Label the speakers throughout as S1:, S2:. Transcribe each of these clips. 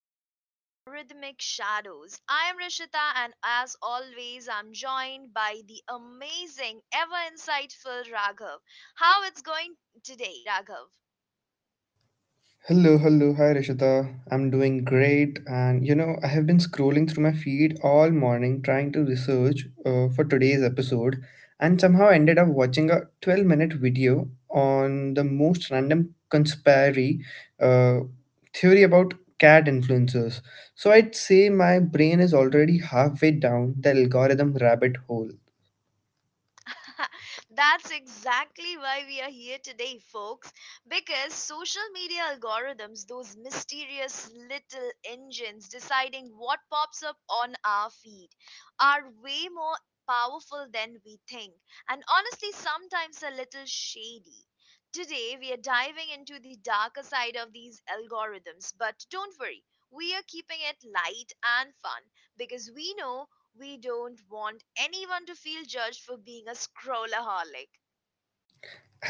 S1: of Algorithmic Shadows. I am Rishita, and as always, I'm joined by the amazing, ever insightful Raghav. How it's going today, Raghav?
S2: Hello, hello, hi Rishita. I'm doing great, and you know, I have been scrolling through my feed all morning trying to research for today's episode, and somehow ended up watching a 12-minute minute video on the most random conspiracy uh, theory about cat influencers. So I'd say my brain is already halfway down the algorithm rabbit hole.
S1: That's exactly why we are here today, folks. Because social media algorithms, those mysterious little engines deciding what pops up on our feed, are way more powerful than we think, and honestly, sometimes a little shady. Today, we are diving into the darker side of these algorithms, but don't worry, we are keeping it light and fun because we know we don't want anyone to feel judged for being a scrollaholic.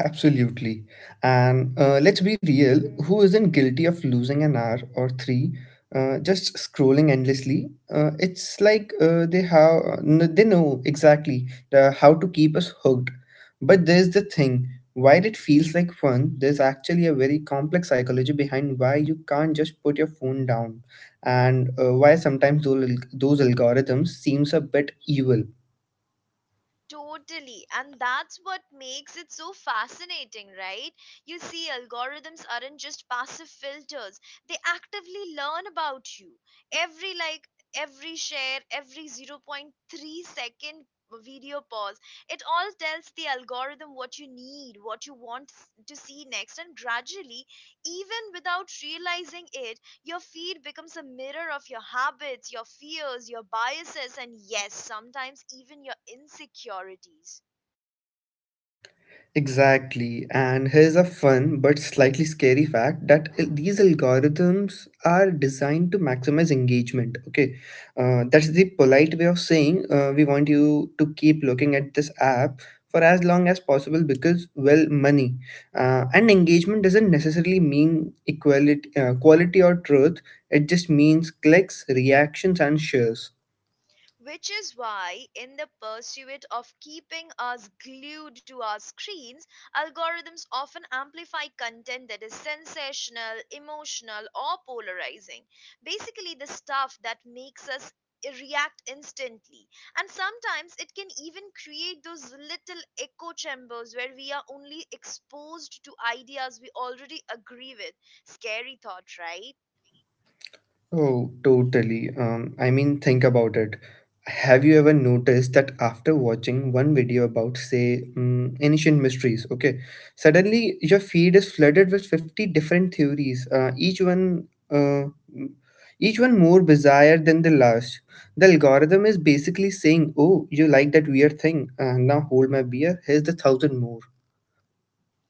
S2: Absolutely. And let's be real, who isn't guilty of losing an hour or three, just scrolling endlessly? It's like they know exactly how to keep us hooked. But there's the thing, while it feels like fun, there's actually a very complex psychology behind why you can't just put your phone down and why sometimes those algorithms seems a bit evil.
S1: Totally. And that's what makes it so fascinating, right? You see, algorithms aren't just passive filters, they actively learn about you. Every like, every share, every zero point 0.3-second video pause, it all tells the algorithm what you need, what you want s- to see next, and gradually, even without realizing it, your feed becomes a mirror of your habits, your fears, your biases, and yes, sometimes even your insecurities.
S2: Exactly. And here's a fun but slightly scary fact that these algorithms are designed to maximize engagement. Okay. That's the polite way of saying we want you to keep looking at this app for as long as possible because, well, money. And engagement doesn't necessarily mean equality, quality or truth, it just means clicks, reactions, and shares.
S1: Which is why, in the pursuit of keeping us glued to our screens, algorithms often amplify content that is sensational, emotional, or polarizing. Basically, the stuff that makes us react instantly, and sometimes it can even create those little echo chambers where we are only exposed to ideas we already agree with. Scary thought, right?
S2: Oh, totally. I mean, think about it. Have you ever noticed that after watching one video about, say, ancient mysteries, okay, suddenly your feed is flooded with 50 different theories, each one more bizarre than the last. The algorithm is basically saying, "Oh, you like that weird thing? Now hold my beer. Here's the thousand more."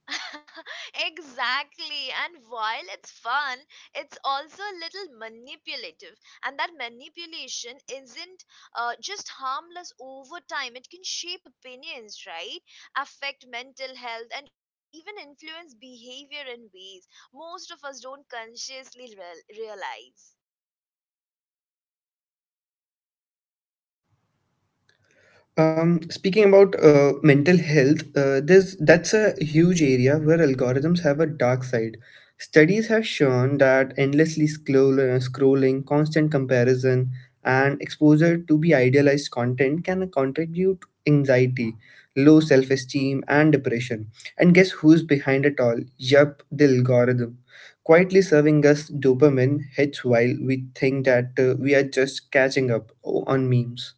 S1: Exactly. And while it's fun, it's also a little manipulative. And that manipulation isn't just harmless. Over time, it can shape opinions, right? Affect mental health and even influence behavior in ways most of us don't consciously realize.
S2: Speaking about mental health, that's a huge area where algorithms have a dark side. Studies have shown that scrolling, constant comparison, and exposure to be idealized content can contribute anxiety, low self-esteem, and depression. And guess who's behind it all? Yup, the algorithm. Quietly serving us dopamine hits while we think that we are just catching up oh, on memes.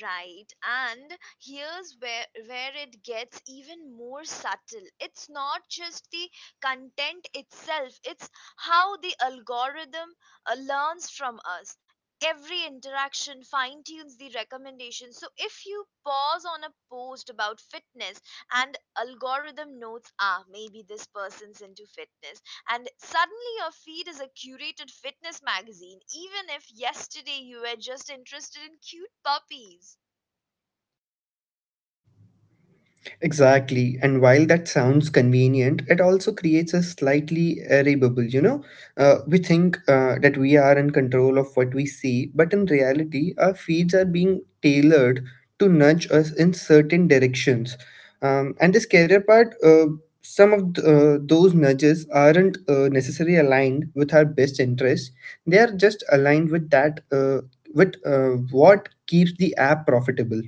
S1: Right, and here's where it gets even more subtle. It's not just the content itself, it's how the algorithm learns from us. Every interaction fine tunes the recommendations. So, if you pause on a post about fitness and algorithm notes, ah, maybe this person's into fitness, and suddenly your feed is a curated fitness magazine, even if yesterday you were just interested in cute puppies.
S2: Exactly. And while that sounds convenient, it also creates a slightly airy bubble, you know. We think that we are in control of what we see, but in reality, our feeds are being tailored to nudge us in certain directions. And the scarier part, some of those nudges aren't necessarily aligned with our best interests. They are just aligned with what keeps the app profitable.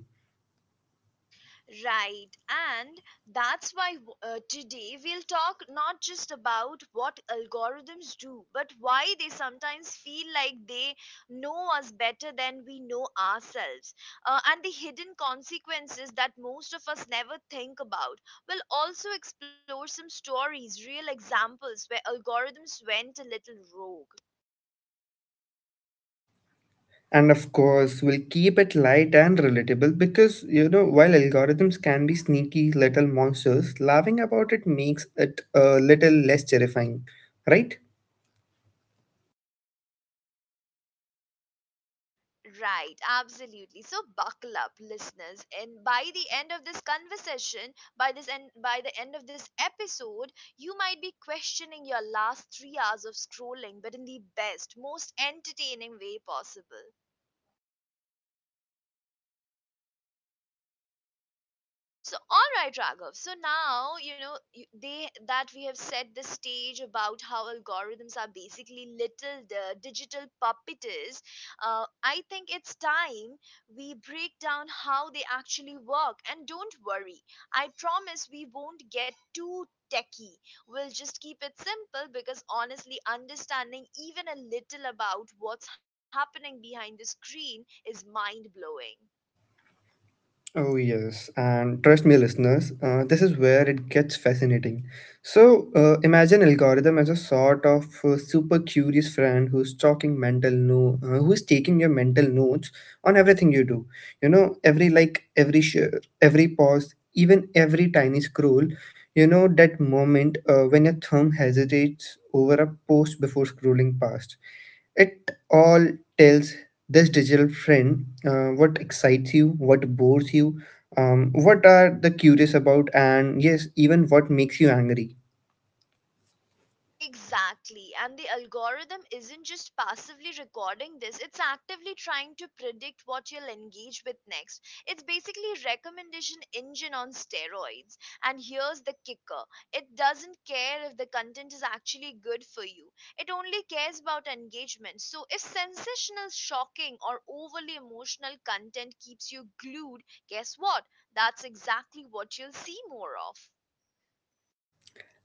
S1: Right, and that's why today we'll talk not just about what algorithms do, but why they sometimes feel like they know us better than we know ourselves, and the hidden consequences that most of us never think about. We'll also explore some stories, real examples where algorithms went a little rogue.
S2: And of course, we'll keep it light and relatable because, you know, while algorithms can be sneaky little monsters, laughing about it makes it a little less terrifying, right?
S1: Right, absolutely. So buckle up, listeners, and by the end of this conversation, by this end, by the end of this episode, you might be questioning your last three hours of scrolling, but in the best, most entertaining way possible. So, all right, Raghav. So now you know you- they that we have set the stage about how algorithms are basically little digital puppeteers. I think it's time we break down how they actually work. And don't worry, I promise we won't get too techy. We'll just keep it simple because honestly, understanding even a little about what's happening behind the screen is mind blowing.
S2: Oh, yes. And trust me, listeners, this is where it gets fascinating. So, imagine algorithm as a sort of super curious friend who's talking mental no, who's taking your mental notes on everything you do. You know, every like, every share, every pause, even every tiny scroll. You know that moment when your thumb hesitates over a post before scrolling past it all tells this digital friend what excites you, what bores you, what are the curious about, and yes, even what makes you angry.
S1: Exactly. And the algorithm isn't just passively recording this, it's actively trying to predict what you'll engage with next. It's basically recommendation engine on steroids. And here's the kicker. It doesn't care if the content is actually good for you. It only cares about engagement. So if sensational, shocking or overly emotional content keeps you glued, guess what? That's exactly what you'll see more of.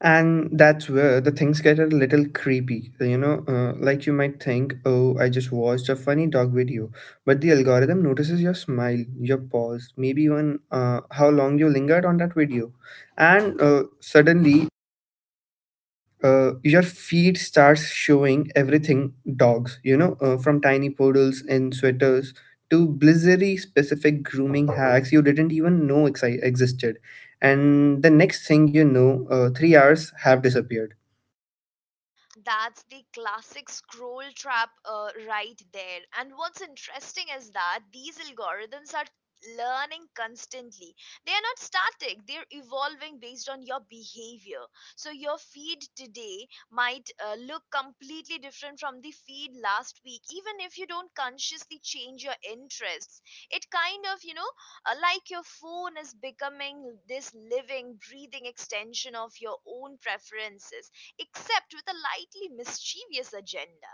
S2: And that's where the things get a little creepy. You know, like you might think, oh, I just watched a funny dog video, but the algorithm notices your smile, your pause, maybe even how long you lingered on that video, and suddenly your feet starts showing everything dogs, you know, from tiny poodles in sweaters to blizzary specific grooming hacks you didn't even know existed. And the next thing you know, 3 hours have disappeared.
S1: That's the classic scroll trap right there. And what's interesting is that these algorithms are learning constantly. They are not static, they're evolving based on your behavior. So, your feed today might look completely different from the feed last week, even if you don't consciously change your interests. It kind of, you know, like your phone is becoming this living, breathing extension of your own preferences, except with a lightly mischievous agenda.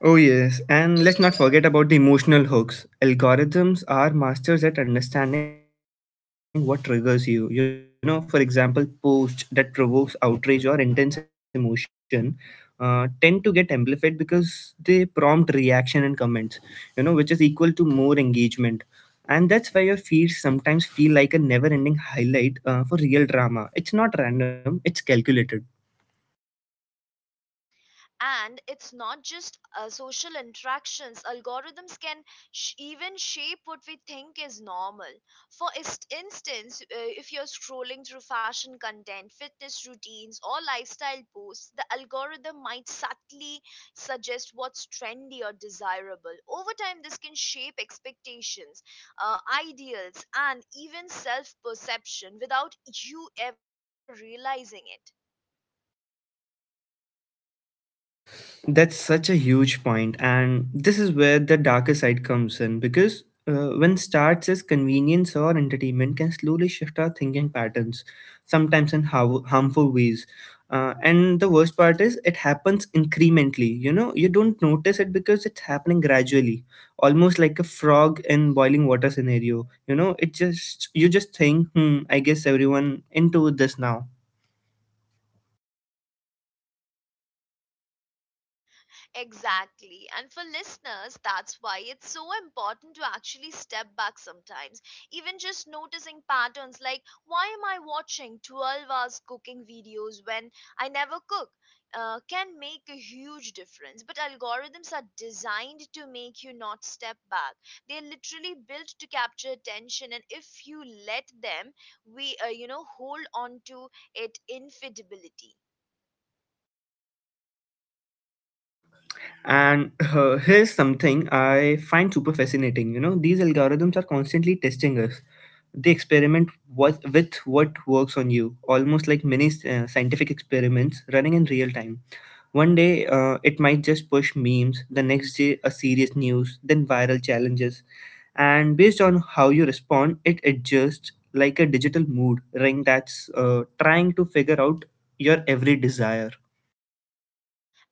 S2: Oh, yes, and let's not forget about the emotional hooks. Algorithms are masters at understanding what triggers you. You know, for example, posts that provokes outrage or intense emotion tend to get amplified because they prompt reaction and comments, you know, which is equal to more engagement. And that's why your feeds sometimes feel like a never ending highlight for real drama. It's not random, it's calculated.
S1: And it's not just social interactions. Algorithms can even shape what we think is normal. For instance, if you're scrolling through fashion content, fitness routines, or lifestyle posts, the algorithm might subtly suggest what's trendy or desirable. Over time, this can shape expectations, uh, ideals, and even self perception without you ever realizing it.
S2: That's such a huge point, and this is where the darker side comes in because when starts as convenience or entertainment can slowly shift our thinking patterns, sometimes in harmful ways. And the worst part is it happens incrementally. You know, you don't notice it because it's happening gradually, almost like a frog in boiling water scenario. You know, it just you just think, hmm, I guess everyone into this now.
S1: Exactly. And for listeners, that's why it's so important to actually step back sometimes. Even just noticing patterns like, why am I watching 12 hours cooking videos when I never cook? Can make a huge difference. But algorithms are designed to make you not step back. They're literally built to capture attention, and if you let them, we you know, hold on to it infidelity.
S2: And here's something I find super fascinating. You know, these algorithms are constantly testing us. They experiment what, with what works on you, almost like many scientific experiments running in real time. One day, it might just push memes, the next day, a serious news, then viral challenges. And based on how you respond, it adjusts like a digital mood ring that's trying to figure out your every desire.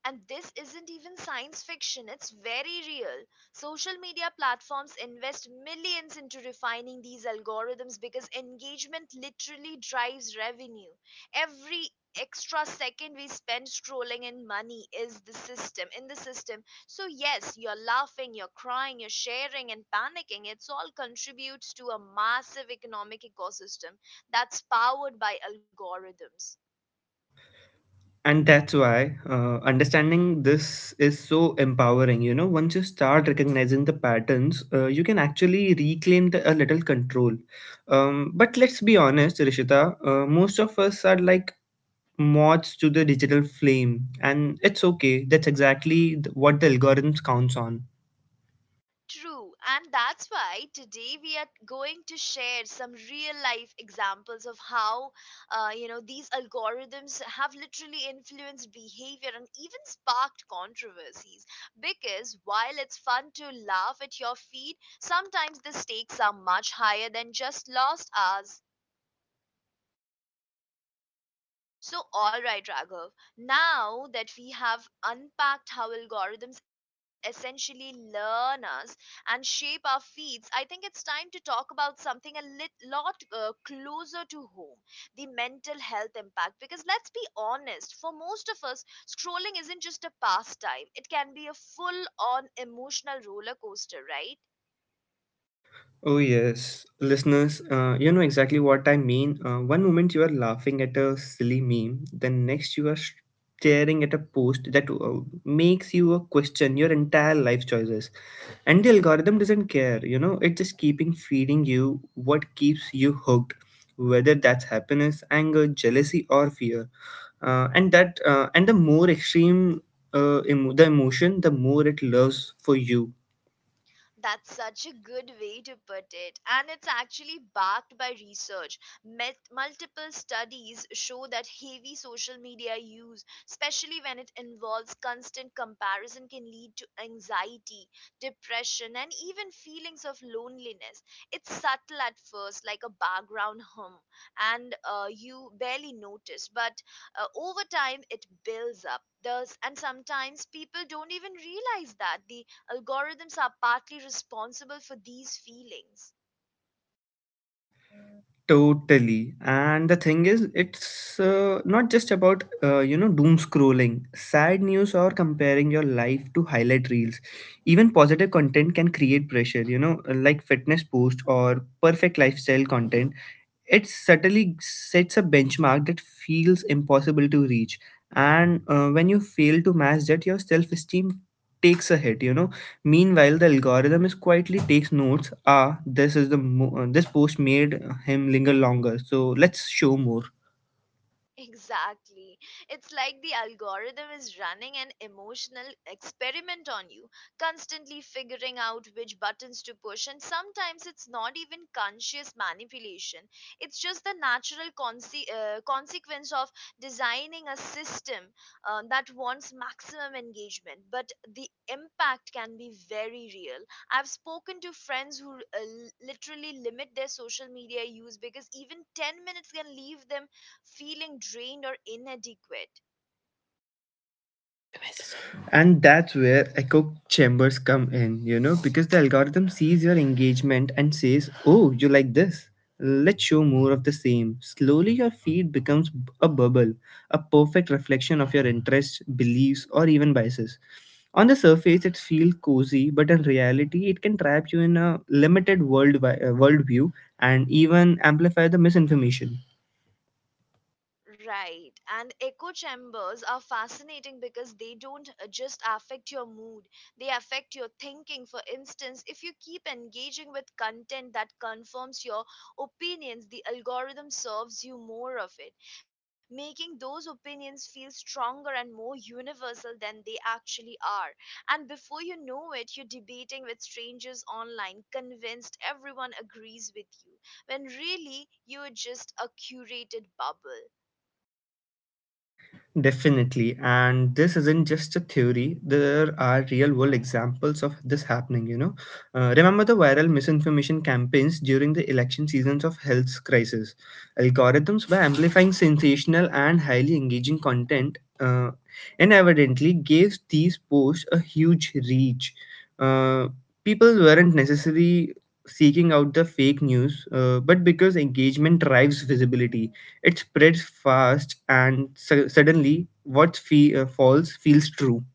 S1: And this isn't even science fiction, it's very real. Social media platforms invest millions into refining these algorithms because engagement literally drives revenue. Every extra second we spend scrolling in money is the system. So yes, you're laughing, you're crying, you're sharing and panicking, it's all contributes to a massive economic ecosystem that's powered by algorithms.
S2: And that's why understanding this is so empowering. You know, once you start recognizing the patterns, you can actually reclaim a little control. But let's be honest, Rishita, most of us are like moths to the digital flame, and it's okay. That's exactly what the algorithms counts on.
S1: True, and that's why today we are going to share some real life examples of how, you know, these algorithms have literally influenced behavior and even sparked controversies. Because while it's fun to laugh at your feed, sometimes the stakes are much higher than just lost hours. So, all right, Raghav, now that we have unpacked how algorithms essentially learn us and shape our feeds, I think it's time to talk about something lot closer to home, the mental health impact. Because let's be honest, for most of us, scrolling isn't just a pastime, it can be a full on emotional roller coaster, right?
S2: Oh, yes. Listeners, you know exactly what I mean. One moment you are laughing at a silly meme, then next you are staring at a post that makes you question your entire life choices. And the algorithm doesn't care, you know, it is just keeping feeding you what keeps you hooked, whether that's happiness, anger, jealousy, or fear. And the more extreme, the emotion, the more it loves for you.
S1: That's such a good way to put it. And it's actually backed by research. Multiple studies show that heavy social media use, especially when it involves constant comparison, can lead to anxiety, depression, and even feelings of loneliness. It's subtle at first, like a background hum, and you barely notice, but over time it builds up. Does and sometimes people don't even realize that the algorithms are partly responsible for these feelings.
S2: Totally. And the thing is, it's not just about, you know, doom scrolling, sad news, or comparing your life to highlight reels. Even positive content can create pressure, you know, like fitness post or perfect lifestyle content. It certainly sets a benchmark that feels impossible to reach. And when you fail to match that, your self esteem takes a hit, you know. Meanwhile the algorithm is quietly takes notes, ah, this is this post made him linger longer, so let's show more.
S1: Exactly. It's like the algorithm is running an emotional experiment on you, constantly figuring out which buttons to push. And sometimes it's not even conscious manipulation, it's just the natural consequence of designing a system that wants maximum engagement. But the impact can be very real. I've spoken to friends who literally limit their social media use because even 10 minutes can leave them feeling drained or inadequate.
S2: And that's where echo chambers come in, you know, because the algorithm sees your engagement and says, oh, you like this, let's show more of the same. Slowly your feed becomes a bubble, a perfect reflection of your interests, beliefs, or even biases. On the surface it feels cozy, but in reality it can trap you in a limited world worldview, and even amplify the misinformation.
S1: Right. And echo chambers are fascinating because they don't just affect your mood, they affect your thinking. For instance, if you keep engaging with content that confirms your opinions, the algorithm serves you more of it, making those opinions feel stronger and more universal than they actually are. And before you know it, you're debating with strangers online, convinced everyone agrees with you, when really you're just a curated bubble.
S2: Definitely. And this isn't just a theory. There are real world examples of this happening, you know. Remember the viral misinformation campaigns during the election seasons of health crisis? Algorithms were amplifying sensational and highly engaging content, and evidently gave these posts a huge reach. Uh, People weren't necessarily seeking out the fake news, but because engagement drives visibility, it spreads fast, and suddenly, what false feels true.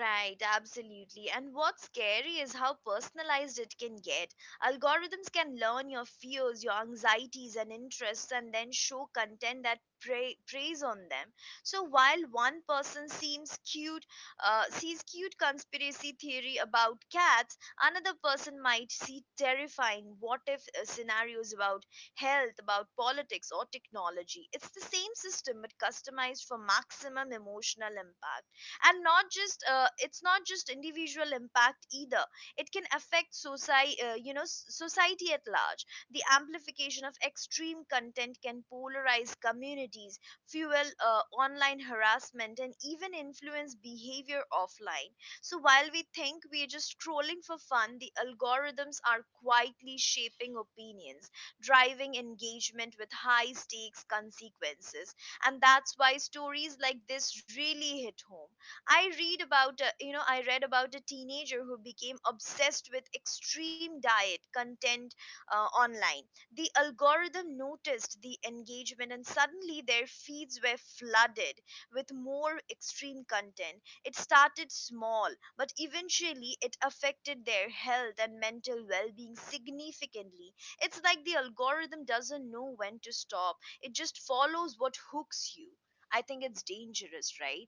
S1: Right, absolutely. And what's scary is how personalized it can get. Algorithms can learn your fears, your anxieties, and interests, and then show content that preys on them. So while one person sees cute conspiracy theory about cats, another person might see terrifying what if scenarios about health, about politics, or technology. It's the same system but customized for maximum emotional impact. And not just it's not just individual impact either, it can affect society, you know, society at large. The amplification of extreme content can polarize communities, fuel online harassment, and even influence behavior offline. So while we think we are just scrolling for fun, the algorithms are quietly shaping opinions, driving engagement with high stakes consequences. And that's why stories like this really hit home. I read about a teenager who became obsessed with extreme diet content online. The algorithm noticed the engagement and suddenly their feeds were flooded with more extreme content. It started small, but eventually it affected their health and mental well-being significantly. It's like the algorithm doesn't know when to stop. It just follows what hooks you. I think it's dangerous, right?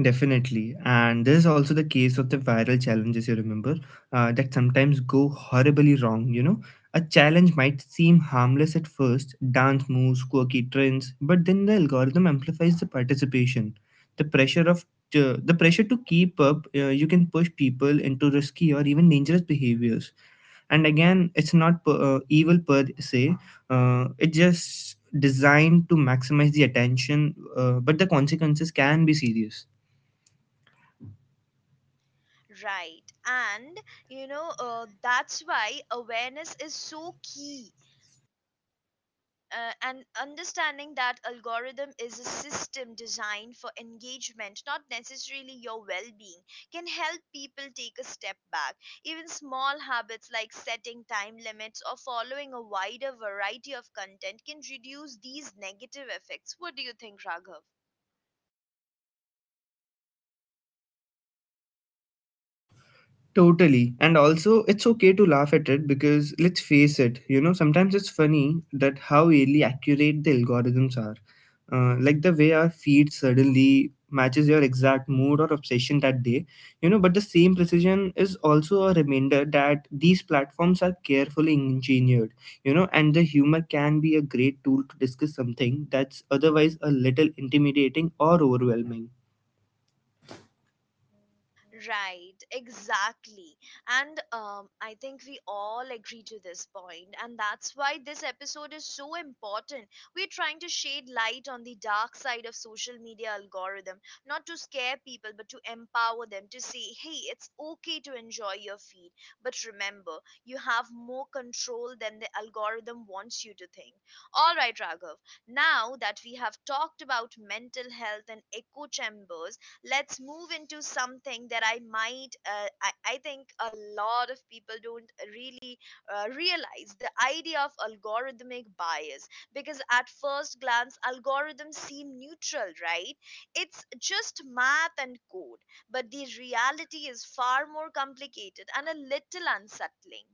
S2: Definitely. And this is also the case of the viral challenges you remember that sometimes go horribly wrong. You know, a challenge might seem harmless at first, dance moves, quirky trends, but then the algorithm amplifies the participation. The pressure of the pressure to keep up, you can push people into risky or even dangerous behaviors. And again, it's not evil per se, it's just designed to maximize the attention, but the consequences can be serious.
S1: Right. And, you know, that's why awareness is so key. And understanding that algorithm is a system designed for engagement, not necessarily your well being, can help people take a step back. Even small habits like setting time limits or following a wider variety of content can reduce these negative effects. What do you think, Raghav?
S2: Totally. And also, it's okay to laugh at it because let's face it, you know, sometimes it's funny that how really accurate the algorithms are. Like the way our feed suddenly matches your exact mood or obsession that day, you know, but the same precision is also a reminder that these platforms are carefully engineered, you know, and the humor can be a great tool to discuss something that's otherwise a little intimidating or overwhelming.
S1: Right, exactly. And I think we all agree to this point, and that's why this episode is so important. We're trying to shed light on the dark side of social media algorithm, not to scare people, but to empower them to say, hey, it's okay to enjoy your feed. But remember, you have more control than the algorithm wants you to think. All right, Raghav, now that we have talked about mental health and echo chambers, let's move into something that I think a lot of people don't really realize the idea of algorithmic bias. Because at first glance, algorithms seem neutral, right? It's just math and code. But the reality is far more complicated and a little unsettling.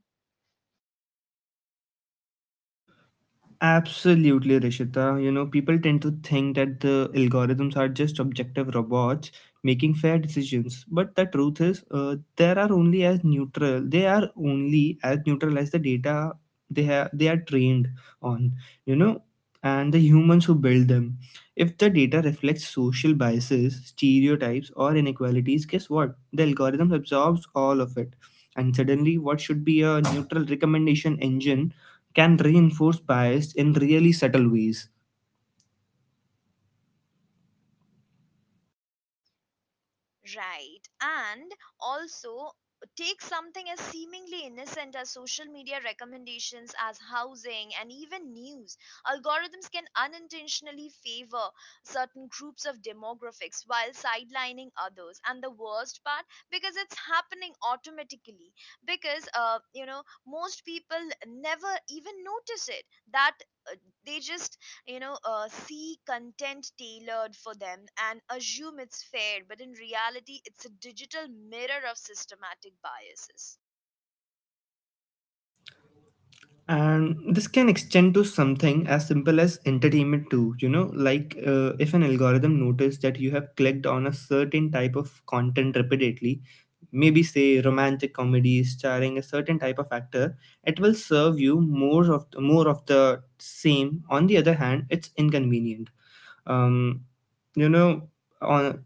S2: Absolutely, Rishita. You know, people tend to think that the algorithms are just objective robots making fair decisions, but the truth is, they are only as neutral. They are only as neutral as the data they have. They are trained on. You know, and the humans who build them. If the data reflects social biases, stereotypes, or inequalities, guess what? The algorithm absorbs all of it. And suddenly, what should be a neutral recommendation engine can reinforce bias in really subtle ways.
S1: Right. And also take something as seemingly innocent as social media recommendations as housing and even news. Algorithms can unintentionally favor certain groups of demographics while sidelining others. And the worst part, because it's happening automatically, because you know, most people never even notice it that uh, they just see content tailored for them and assume it's fair, but in reality it's a digital mirror of systematic biases.
S2: And this can extend to something as simple as entertainment, too. You know, like if an algorithm notices that you have clicked on a certain type of content repeatedly, maybe say romantic comedy starring a certain type of actor, it will serve you more of the same. On the other hand, it's inconvenient. Um, you know, on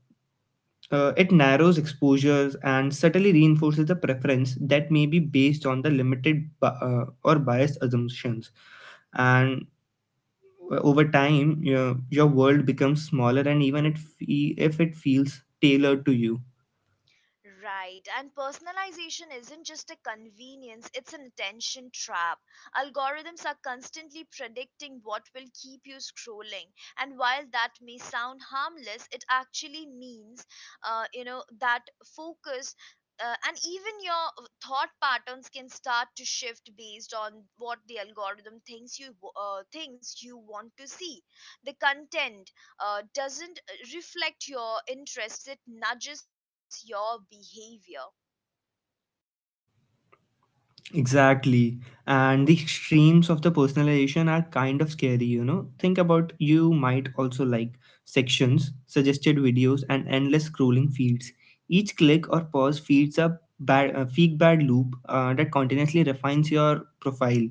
S2: It narrows exposures and subtly reinforces the preference that may be based on the limited or biased assumptions. And Over time, your world becomes smaller, and even if it feels tailored to you.
S1: Right. And personalization isn't just a convenience, it's an attention trap. Algorithms are constantly predicting what will keep you scrolling. And while that may sound harmless, it actually means, that focus. And even your thought patterns can start to shift based on what the algorithm thinks you want to see. The content doesn't reflect your interests, it nudges your behavior.
S2: Exactly. And the extremes of the personalization are kind of scary, you know. Think about you might also like sections, suggested videos, and endless scrolling feeds. Each click or pause feeds a feedback loop that continuously refines your profile.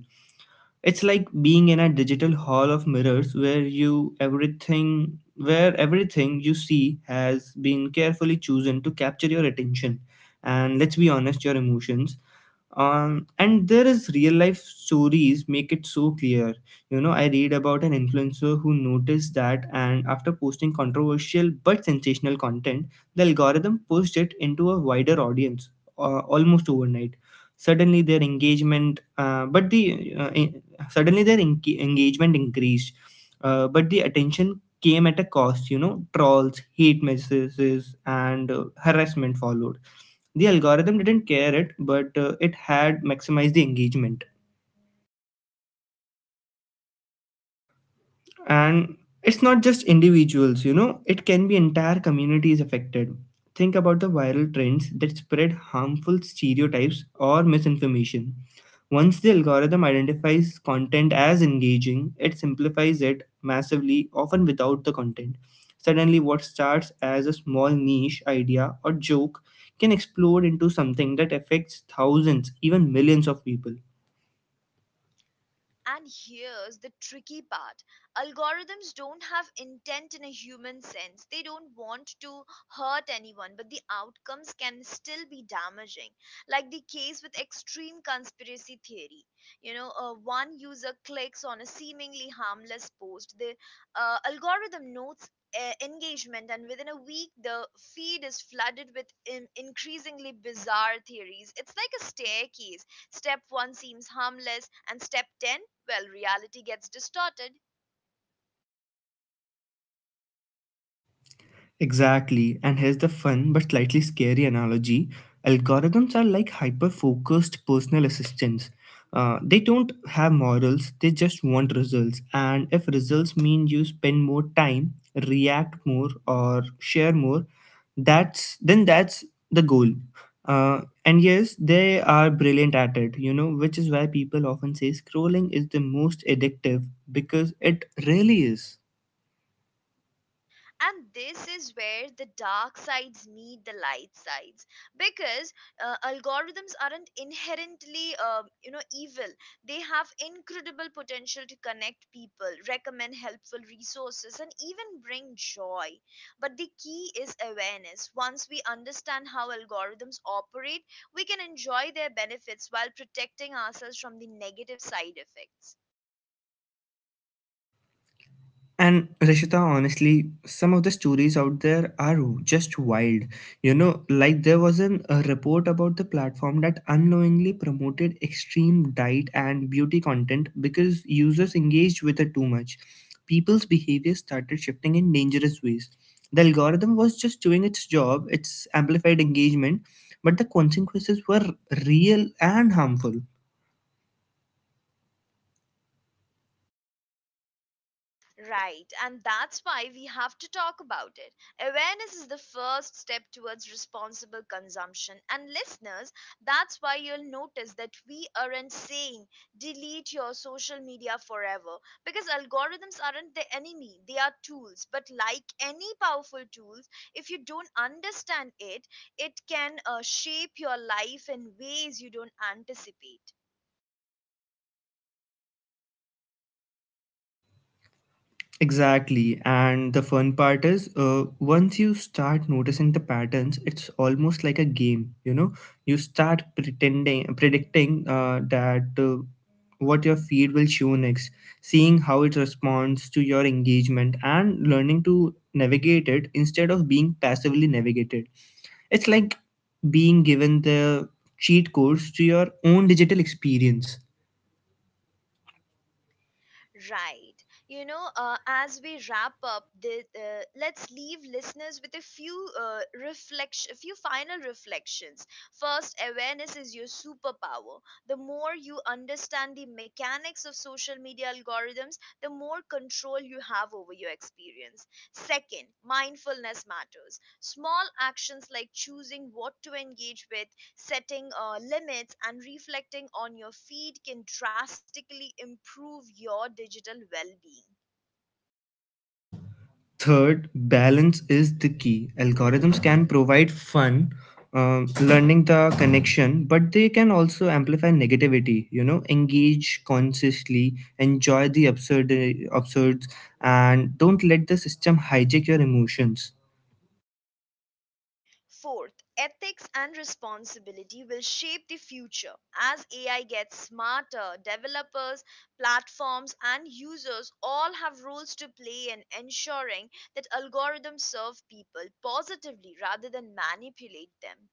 S2: It's like being in a digital hall of mirrors where everything you see has been carefully chosen to capture your attention, and let's be honest, your emotions. And there is real life stories make it so clear. You know, I read about an influencer who noticed that, and after posting controversial but sensational content, the algorithm pushed it into a wider audience almost overnight. suddenly their engagement uh, but the uh, en- Suddenly their engagement increased, but the attention came at a cost. You know, trolls, hate messages, and harassment followed. The algorithm didn't care, it had maximized the engagement. And it's not just individuals, you know, it can be entire communities affected. Think about the viral trends that spread harmful stereotypes or misinformation. Once the algorithm identifies content as engaging, it simplifies it massively, often without the content. Suddenly what starts as a small niche idea or joke can explode into something that affects thousands, even millions of people.
S1: And here's the tricky part: algorithms don't have intent in a human sense. They don't want to hurt anyone, but the outcomes can still be damaging. Like the case with extreme conspiracy theory. You know, one user clicks on a seemingly harmless post, the algorithm notes engagement, and within a week the feed is flooded with increasingly bizarre theories. It's like a staircase: step 1 seems harmless, and step 10, well, reality gets distorted.
S2: Exactly. And here's the fun but slightly scary analogy: algorithms are like hyper focused personal assistants. They don't have morals, they just want results. And if results mean you spend more time, react more, or share more, that's the goal. And yes, they are brilliant at it, you know, which is why people often say scrolling is the most addictive, because it really is.
S1: And this is where the dark sides meet the light sides, because algorithms aren't inherently you know, evil. They have incredible potential to connect people, recommend helpful resources, and even bring joy. But the key is awareness. Once we understand how algorithms operate, we can enjoy their benefits while protecting ourselves from the negative side effects.
S2: And Rishita, honestly, some of the stories out there are just wild. You know, like there was a report about the platform that unknowingly promoted extreme diet and beauty content because users engaged with it too much. People's behavior started shifting in dangerous ways. The algorithm was just doing its job, its amplified engagement, but the consequences were real and harmful.
S1: Right, and that's why we have to talk about it. Awareness is the first step towards responsible consumption. And listeners, that's why you'll notice that we aren't saying delete your social media forever, because algorithms aren't the enemy, they are tools. But like any powerful tools, if you don't understand it, it can shape your life in ways you don't anticipate.
S2: Exactly. And the fun part is, once you start noticing the patterns, it's almost like a game. You know, you predicting that what your feed will show next, seeing how it responds to your engagement, and learning to navigate it instead of being passively navigated. It's like being given the cheat codes to your own digital experience.
S1: Right. You know, as we wrap up, let's leave listeners with a few final reflections. First, awareness is your superpower. The more you understand the mechanics of social media algorithms, the more control you have over your experience. Second, mindfulness matters. Small actions like choosing what to engage with, setting limits, and reflecting on your feed can drastically improve your digital well being.
S2: Third, balance is the key. Algorithms can provide fun, learning the connection, but they can also amplify negativity. You know, engage consciously, enjoy the absurd, and don't let the system hijack your emotions.
S1: Fourth, ethics and responsibility will shape the future. As AI gets smarter, developers, platforms, and users all have roles to play in ensuring that algorithms serve people positively rather than manipulate them.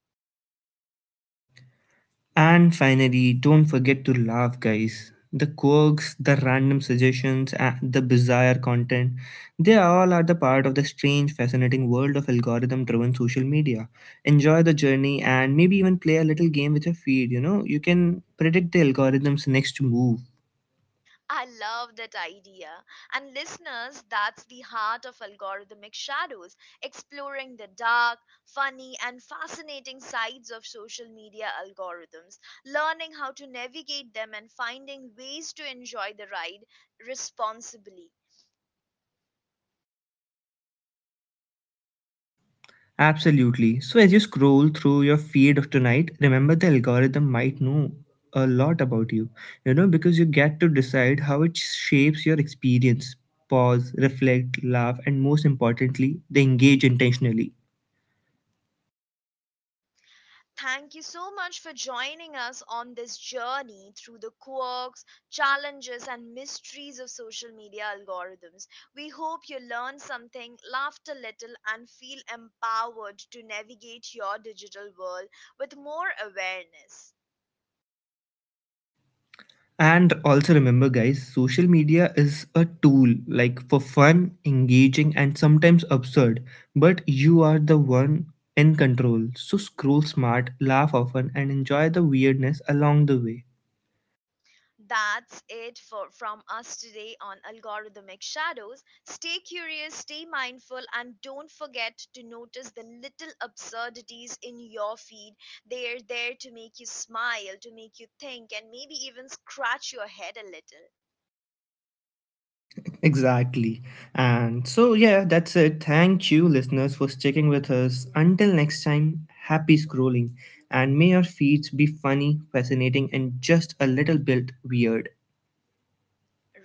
S2: And finally, don't forget to laugh, guys. The quirks, the random suggestions, and the bizarre content, they all are the part of the strange, fascinating world of algorithm driven social media. Enjoy the journey and maybe even play a little game with your feed. You know, you can predict the algorithm's next move.
S1: I love that idea. And listeners, that's the heart of Algorithmic Shadows: exploring the dark, funny, and fascinating sides of social media algorithms, learning how to navigate them, and finding ways to enjoy the ride responsibly.
S2: Absolutely. So as you scroll through your feed of tonight, remember the algorithm might know a lot about you. You know, because you get to decide how it shapes your experience. Pause, reflect, laugh, and most importantly, they engage intentionally.
S1: Thank you so much for joining us on this journey through the quirks, challenges, and mysteries of social media algorithms. We hope you learned something, laughed a little, and feel empowered to navigate your digital world with more awareness.
S2: And also remember, guys, social media is a tool, like, for fun, engaging, and sometimes absurd. But you are the one in control. So scroll smart, laugh often, and enjoy the weirdness along the way.
S1: That's it for from us today on Algorithmic Shadows. Stay curious, stay mindful, and don't forget to notice the little absurdities in your feed. They're there to make you smile, to make you think, and maybe even scratch your head a little.
S2: Exactly. And so, yeah, that's it. Thank you, listeners, for sticking with us. Until next time, happy scrolling. And may our feeds be funny, fascinating, and just a little bit weird.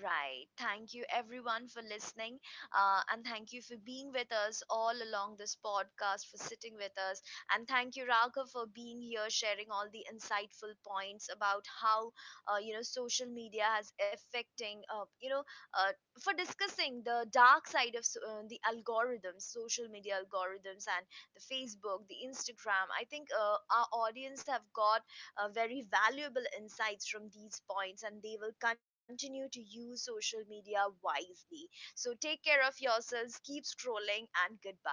S1: Right. Thank you, everyone, for listening. And thank you for being with us all along this podcast, for sitting with us. And thank you, Raghav, for being here, sharing all the insightful points about how, you know, social media has affecting, uh, for discussing the dark side of the algorithms, social media algorithms, and the Facebook, the Instagram. I think our audience have got very valuable insights from these points and they will continue to use social media wisely. So take care of yourselves, keep scrolling, and goodbye.